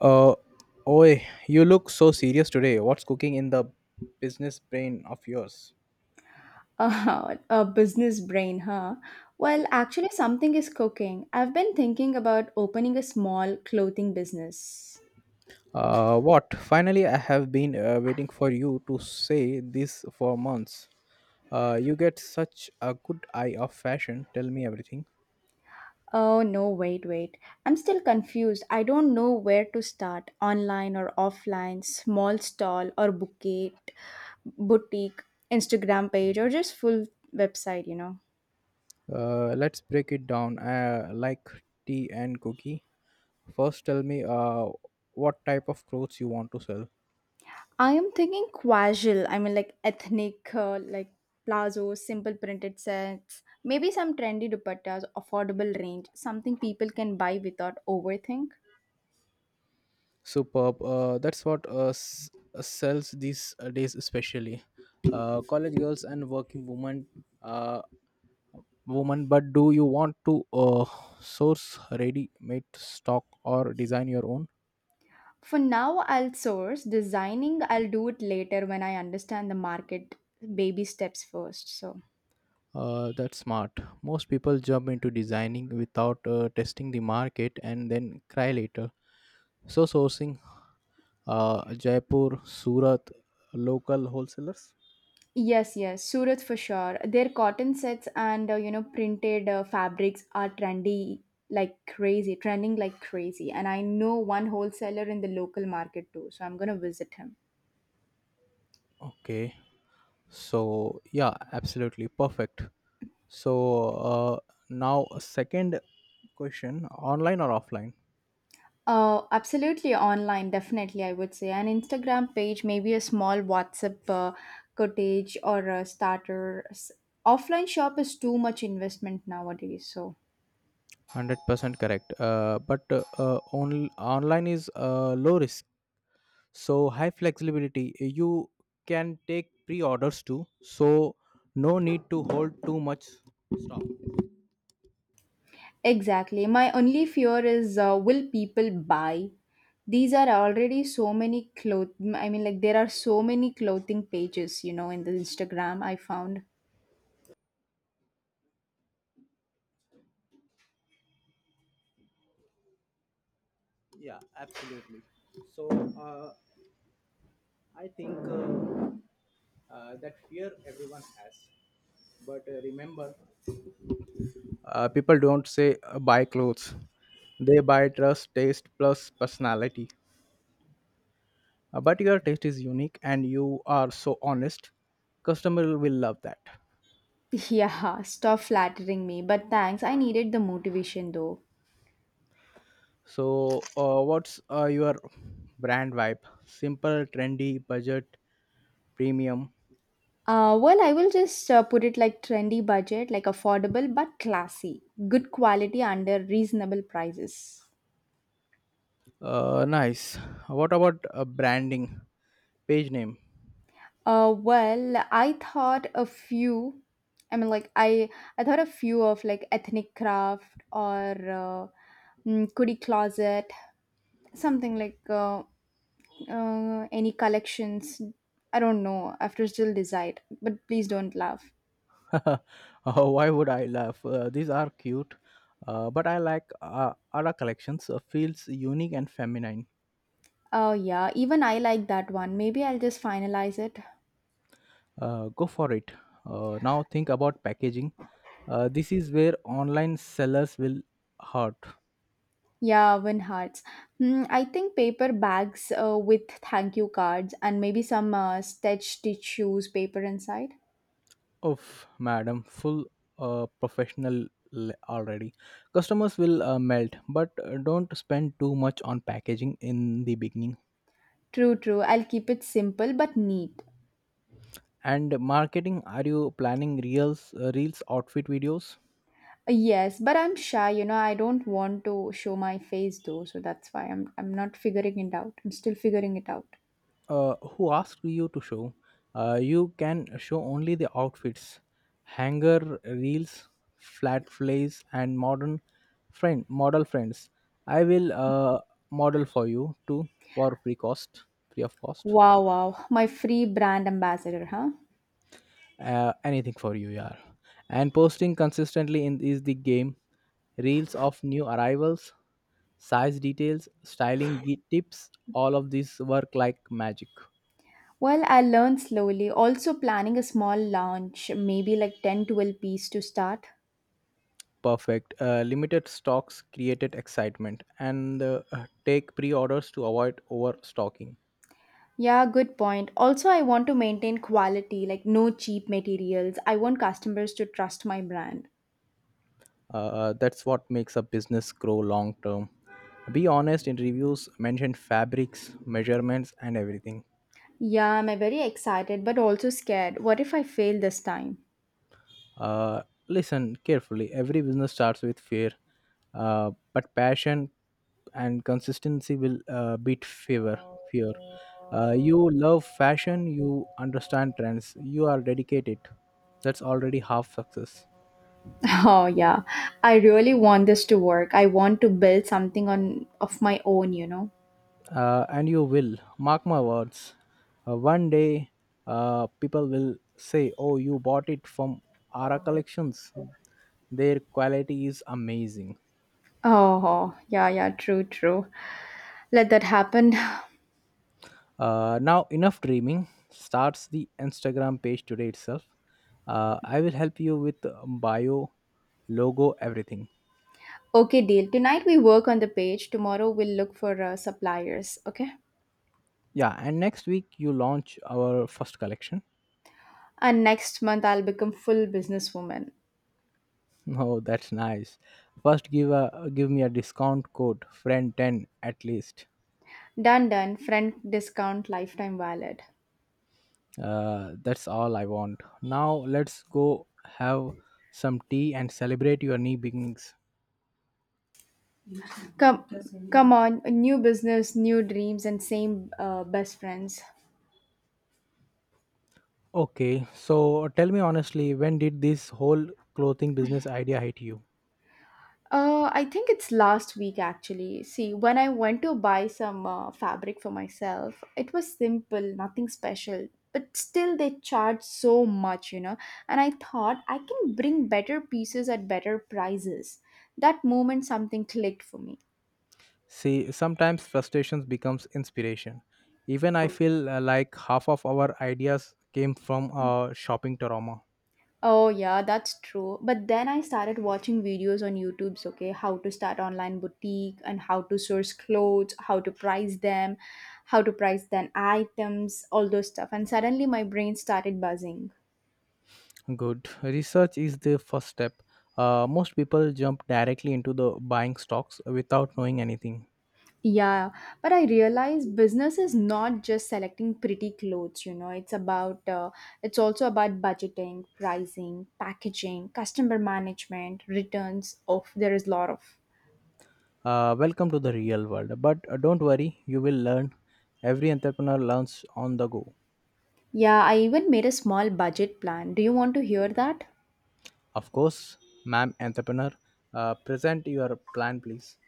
Uh, Oi, you look so serious today. What's cooking in the business brain of yours? A business brain, huh? Well, actually, something is cooking. I've been thinking about opening a small clothing business. What? Finally, I have been waiting for you to say this for months. You get such a good eye of fashion. Tell me everything. Oh, no, wait, wait. I'm still confused. I don't know where to start online or offline, small stall or bouquet, boutique, Instagram page, or just full website. Let's break it down like tea and cookie. First, tell me what type of clothes you want to sell. I am thinking casual. I mean, like ethnic, like plazos, simple printed sets, maybe some trendy dupattas, affordable range, something people can buy without overthink. Superb. That's what sells these days, especially college girls and working women. Uh, Woman, but do you want to source ready-made stock or design your own? For now, I'll source. Designing, I'll do it later when I understand the market. Baby steps first. So. That's smart. Most people jump into designing without testing the market and then cry later. So sourcing Jaipur, Surat, local wholesalers. Yes, yes, Surat for sure. Their cotton sets and printed fabrics are trendy like crazy, trending like crazy. And I know one wholesaler in the local market too, so I'm gonna visit him. Okay. So yeah, absolutely perfect. So now second question: online or offline? one Absolutely online, definitely I would say an Instagram page, maybe a small WhatsApp cottage or a starter. Offline shop is too much investment nowadays, so. Hundred percent correct. But online is low risk, so high flexibility. You can take pre-orders too, so no need to hold too much stock. Exactly. My only fear is will people buy? These are already so many cloth. I mean, like, there are so many clothing pages, in the Instagram I found. Yeah, absolutely. So I think that fear everyone has, but remember. People don't say buy clothes, they buy trust, taste, plus personality. But your taste is unique and you are so honest, customer will love that. Yeah, stop flattering me. But thanks. I needed the motivation though. So, what's your brand vibe? Simple, trendy, budget, premium. Well, I will just put it like trendy budget, like affordable but classy. Good quality under reasonable prices. Nice. What about branding? Page name. Well, I thought a few. I mean, like I thought a few of like ethnic craft or kudi closet, something like any collections. I don't know. I have to still decide. But please don't laugh. Why would I laugh? These are cute, but I like Ara collections. Feels unique and feminine. Oh yeah, even I like that one. Maybe I'll just finalize it. Go for it. Now think about packaging. This is where online sellers will hurt. Yeah, win hearts. Hmm, I think paper bags with thank you cards and maybe some stitched tissues paper inside. Of madam, full professional already. Customers will melt, but don't spend too much on packaging in the beginning. True, true. I'll keep it simple but neat. And marketing, are you planning reels, outfit videos? Yes, but I'm shy, I don't want to show my face though, so that's why I'm not figuring it out. I'm still figuring it out. Who asked you to show. You can show only the outfits, hanger reels, flat flays, and modern friend model friends. I will model for you too for free cost, free of cost. Wow, wow. My free brand ambassador, huh? Anything for you, yeah. And posting consistently in is the game. Reels of new arrivals, size details, styling tips. All of these work like magic. Well, I learned slowly. Also planning a small launch, maybe like 10, 12 piece to start. Perfect. Limited stocks created excitement and take pre orders to avoid overstocking. Yeah, good point. Also, I want to maintain quality, like no cheap materials. I want customers to trust my brand. That's what makes a business grow long term. Be honest in reviews, mention fabrics, measurements, and everything. Yeah, I'm very excited but also scared. What if I fail this time? Uh, Listen carefully. Every business starts with fear, but passion and consistency will beat fever. Fear. You love fashion. You understand trends. You are dedicated. That's already half success. Oh yeah, I really want this to work. I want to build something on of my own. And you will mark my words. One day, people will say, "Oh, you bought it from Ara Collections. Their quality is amazing." Oh yeah, yeah, true, true. Let that happen. Now, enough dreaming. Starts the Instagram page today itself. I will help you with bio, logo, everything. Okay, deal. Tonight we work on the page. Tomorrow we'll look for suppliers. Okay, Yeah, and next week you launch our first collection. and next month I'll become full businesswoman. Oh, that's nice. First, give me a discount code, friend ten at least. Done, done. Friend discount lifetime valid. That's all I want. Now let's go have some tea and celebrate your new beginnings. Come, come on. New business, new dreams, and same best friends. Okay, so tell me honestly, when did this whole clothing business idea hit you? I think it's last week actually. See, when I went to buy some fabric for myself, it was simple, nothing special. But still, they charge so much. And I thought I can bring better pieces at better prices. That moment, something clicked for me. See, sometimes frustrations becomes inspiration. Even I feel like half of our ideas came from shopping trauma. Oh, yeah, that's true. But then I started watching videos on YouTube's okay, how to start online boutique and how to source clothes, how to price them, how to price then items, all those stuff. And suddenly my brain started buzzing. Good. Research is the first step. Most people jump directly into the buying stocks without knowing anything. Yeah, but I realized business is not just selecting pretty clothes, it's also about budgeting, pricing, packaging, customer management, returns. Of there is a lot of. Welcome to the real world. But don't worry, you will learn. Every entrepreneur learns on the go. Yeah, I even made a small budget plan. Do you want to hear that? Of course, ma'am entrepreneur, present your plan, please.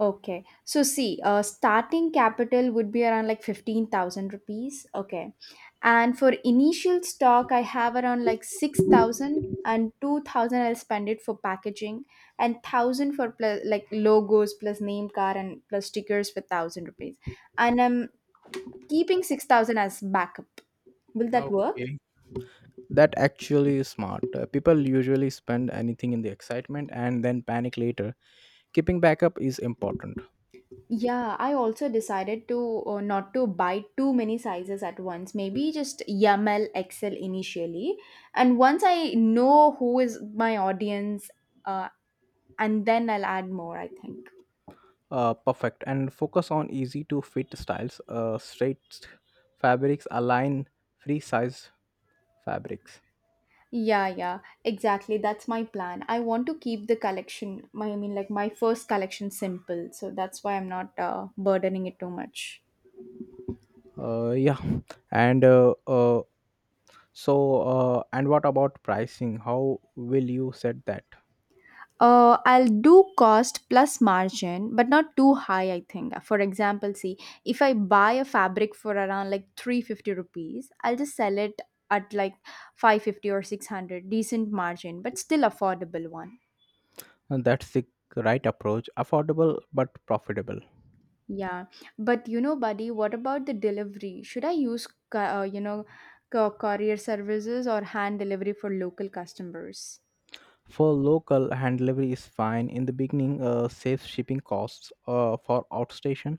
Okay. So see, starting capital would be around like 15,000 rupees. Okay. And for initial stock, I have around like six thousand and two thousand I'll spend it for packaging and 1,000 for plus, like logos plus name card and plus stickers for 1,000 rupees. And I'm keeping 6,000 as backup. Will that work? Okay. That actually is smart. People usually spend anything in the excitement and then panic later. Keeping backup is important. Yeah, I also decided to not to buy too many sizes at once. Maybe just YML XL initially, and once I know who is my audience, uh, and then I'll add more. I think. Perfect. And focus on easy to fit styles. Straight fabrics align free size fabrics. Yeah, yeah, exactly. That's my plan. I want to keep the collection. I mean, like my first collection simple. So that's why I'm not burdening it too much. Yeah. And so, and what about pricing? How will you set that? I'll do cost plus margin, but not too high, I think. For example, see, if I buy a fabric for around like 350 rupees, I'll just sell it at like 550 or 600, decent margin, but still affordable one. And that's the right approach, affordable but profitable. Yeah. But you know, buddy, what about the delivery? Should I use courier services or hand delivery for local customers? For local, hand delivery is fine. In the beginning, save shipping costs for outstation.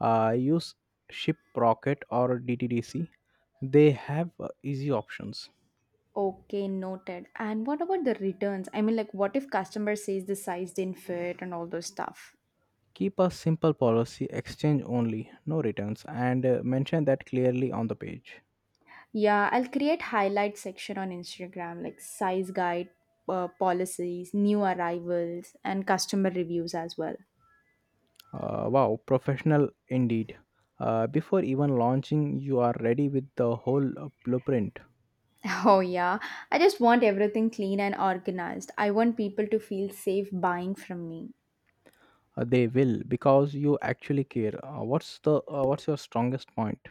Use Shiprocket or DTDC. They have easy options. Okay, noted. And what about the returns? I mean, like, what if customer says the size didn't fit and all those stuff? Keep a simple policy, exchange only, no returns, and mention that clearly on the page. Yeah, I'll create highlight section on Instagram like size guide, policies, new arrivals, and customer reviews as well. Wow, professional indeed. Before even launching, you are ready with the whole blueprint. Oh yeah, I just want everything clean and organized. I want people to feel safe buying from me. They will because you actually care. What's your strongest point?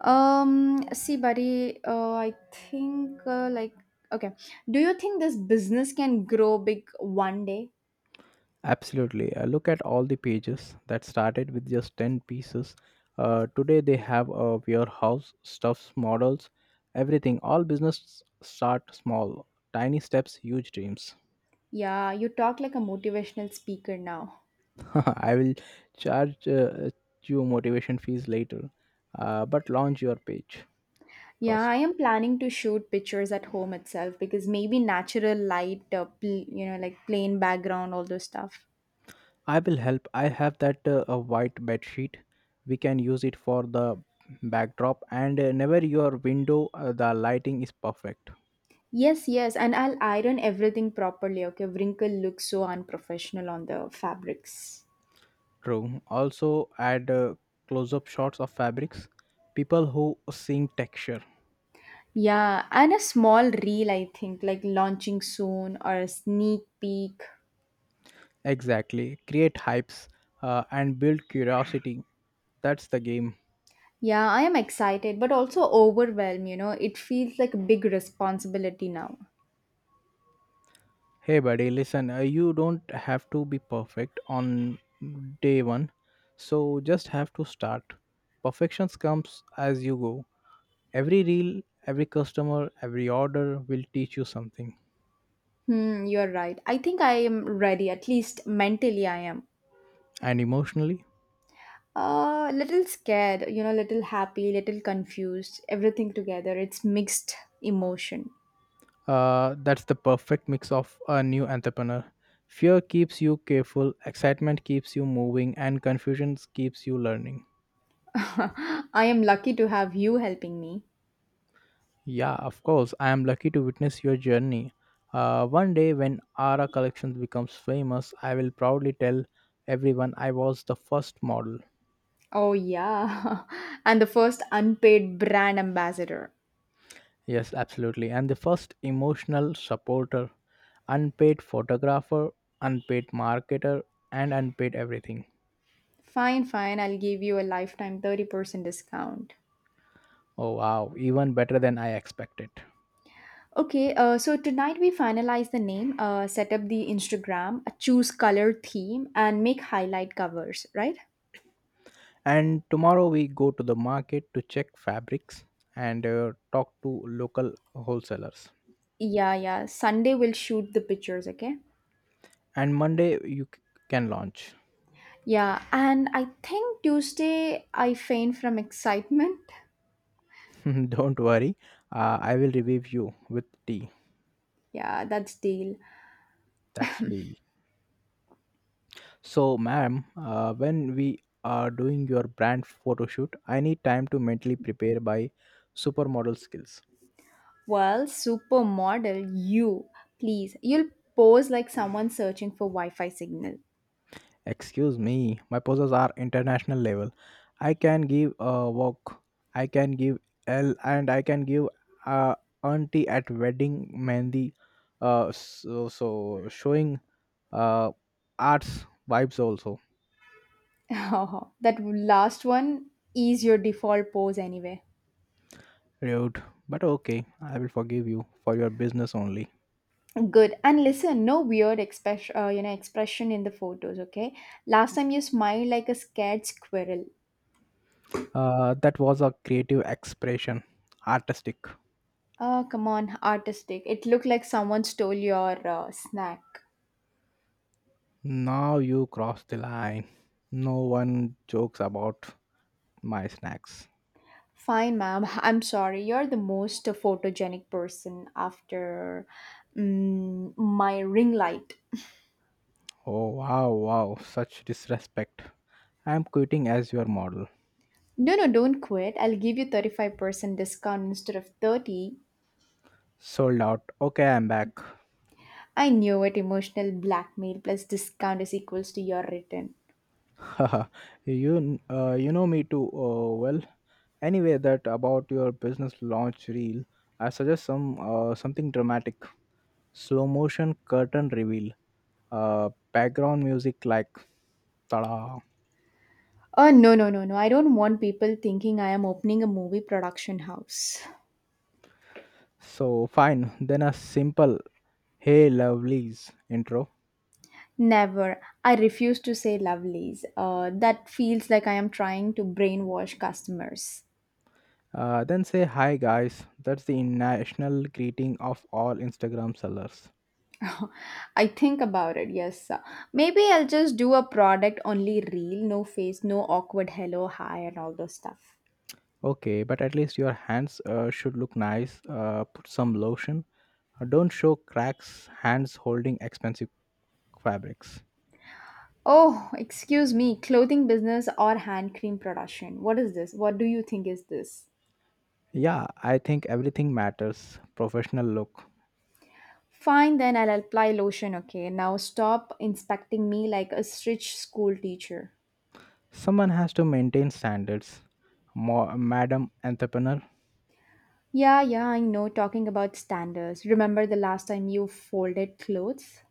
See, buddy, I think like okay. Do you think this business can grow big one day? Absolutely. Look at all the pages that started with just 10 pieces. Today they have a warehouse, stuffs, models, everything. All business start small. Tiny steps, huge dreams. Yeah, you talk like a motivational speaker now. I will charge you motivation fees later, but launch your page Yeah, I first. am planning to shoot pictures at home itself because maybe natural light, like plain background, all those stuff. I will help. I have that a white bed sheet. We can use it for the backdrop and never your window. The lighting is perfect. Yes, yes, and I'll iron everything properly. Okay, wrinkle looks so unprofessional on the fabrics. True. Also add close-up shots of fabrics. People who sing texture. Yeah, and a small reel, I think, like launching soon or a sneak peek. Exactly. Create hypes and build curiosity. That's the game. Yeah, I am excited, but also overwhelmed. It feels like a big responsibility now. Hey buddy, listen. You don't have to be perfect on day one. So just have to start. Perfections comes as you go. Every reel, every customer, every order will teach you something. Hmm, you're right. I think I am ready, at least mentally, I am. And emotionally, Little scared, little happy, little confused, everything together. It's mixed emotion. That's the perfect mix of a new entrepreneur. Fear keeps you careful, excitement keeps you moving, and confusion keeps you learning. I am lucky to have you helping me. Yeah, of course I am lucky to witness your journey. One day, when Ara Collections becomes famous, I will proudly tell everyone I was the first model. Oh, yeah. And the first unpaid brand ambassador. Yes, absolutely, and the first emotional supporter, unpaid photographer, unpaid marketer, and unpaid everything. Fine, fine. I'll give you a lifetime 30% discount. Oh wow, even better than I expected. Okay, so tonight we finalize the name, set up the Instagram, choose color theme, and make highlight covers, right? And tomorrow we go to the market to check fabrics and talk to local wholesalers. Yeah, yeah. Sunday we'll shoot the pictures, okay? And Monday you can launch. Yeah, and I think Tuesday I faint from excitement. Don't worry, I will revive you with tea. Yeah, that's deal. That's deal. So, ma'am, when we are doing your brand photo shoot, I need time to mentally prepare by supermodel skills. Well, supermodel, you please, you'll pose like someone searching for Wi-Fi signal. Excuse me, my poses are international level. I can give a walk, I can give L, and I can give uh, auntie at wedding Mandy. So showing uh, arts vibes also. That last one is your default pose anyway. Rude, but okay, I will forgive you for your business only. Good. And listen, no weird expression in the photos. Okay. Last time you smiled like a scared squirrel. That was a creative expression, artistic. Oh, come on, artistic. It looked like someone stole your snack. Now you cross the line. No one jokes about my snacks. Fine, ma'am. I'm sorry. You're the most photogenic person after my ring light. Oh wow, wow, such disrespect. I'm quitting as your model. No, no, don't quit. I'll give you 35% discount instead of 30. Sold out. Okay, I'm back. I knew it. Emotional blackmail plus discount is equals to your return. You know me too well. Anyway, that about your business launch reel. I suggest something dramatic, slow motion curtain reveal, background music like ta. Oh, no, no, no, no. I don't want people thinking I am opening a movie production house. So fine, then a simple "Hey lovelies" intro. Never. I refuse to say lovelies. That feels like I am trying to brainwash customers. Then say hi guys. That's the national greeting of all Instagram sellers. I think about it, yes. Maybe I'll just do a product only reel, no face, no awkward hello, hi, and all those stuff. Okay, but at least your hands should look nice. Put some lotion. Don't show cracks, hands holding expensive fabrics. Oh, excuse me, clothing business or hand cream production. What is this? What do you think is this? Yeah, I think everything matters. Professional look. Fine, then I'll apply lotion, okay? Now stop inspecting me like a strict school teacher. Someone has to maintain standards. Madam entrepreneur. Yeah, yeah, I know, talking about standards. Remember the last time you folded clothes?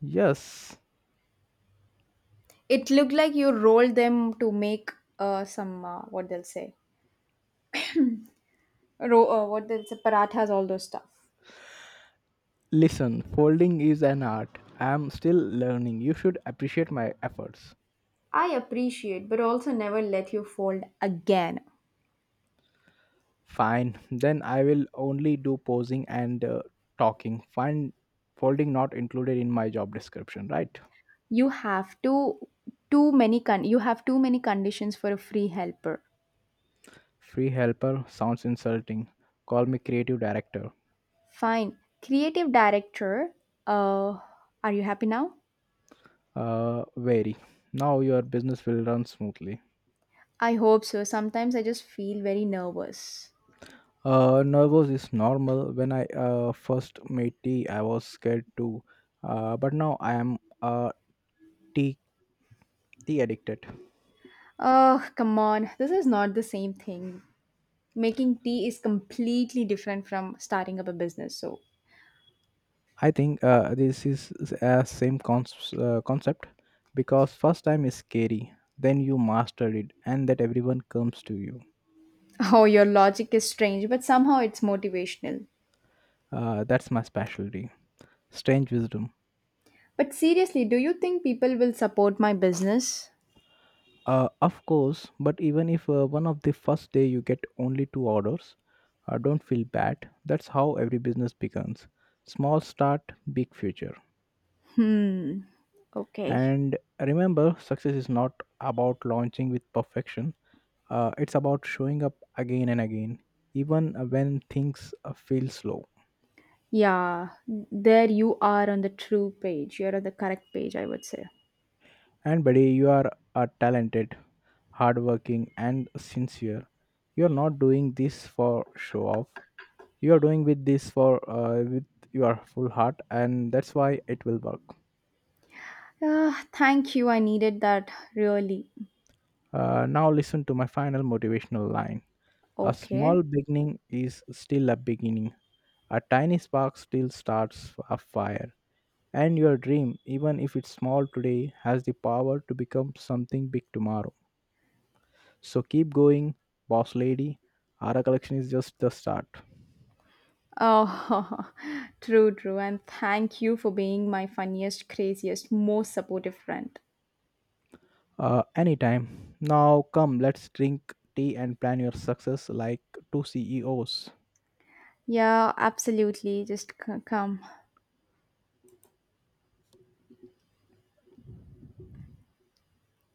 Yes. It looked like you rolled them to make some, what they'll say, what else? Parathas, all those stuff. Listen, folding is an art. I am still learning. You should appreciate my efforts. I appreciate, but also never let you fold again. Fine, then I will only do posing and talking. Fine, folding not included in my job description, right? You have to you have too many conditions for a free helper. Free helper sounds insulting. Call me creative director. Fine. Creative director. Uh, are you happy now? Very. Now your business will run smoothly. I hope so. Sometimes I just feel very nervous. Nervous is normal. When I first made tea, I was scared too. But now I am tea tea addicted. Oh, come on. This is not the same thing. Making tea is completely different from starting up a business. So, I think this is a same concept because first time is scary, then you master it, and that everyone comes to you. Oh, your logic is strange, but somehow it's motivational. That's my specialty. Strange wisdom. But seriously, do you think people will support my business? Of course, but even if one of the first day you get only two orders, don't feel bad. That's how every business begins. Small start, big future. Okay. And remember, success is not about launching with perfection. It's about showing up again and again, even when things feel slow. Yeah, there you are on the true page. You're on the correct page, I would say. And buddy, you are talented, hardworking, and sincere. You are not doing this for show off. You are doing with this for with your full heart, and that's why it will work. Ah, thank you. I needed that really. Now listen to my final motivational line. A Okay. small beginning is still a beginning. A tiny spark still starts a fire. And your dream, even if it's small today, has the power to become something big tomorrow. So keep going, boss lady. Ara collection is just the start. Oh, true, true. And thank you for being my funniest, craziest, most supportive friend. Anytime. Now come, let's drink tea and plan your success like two CEOs. Yeah, absolutely. Just come.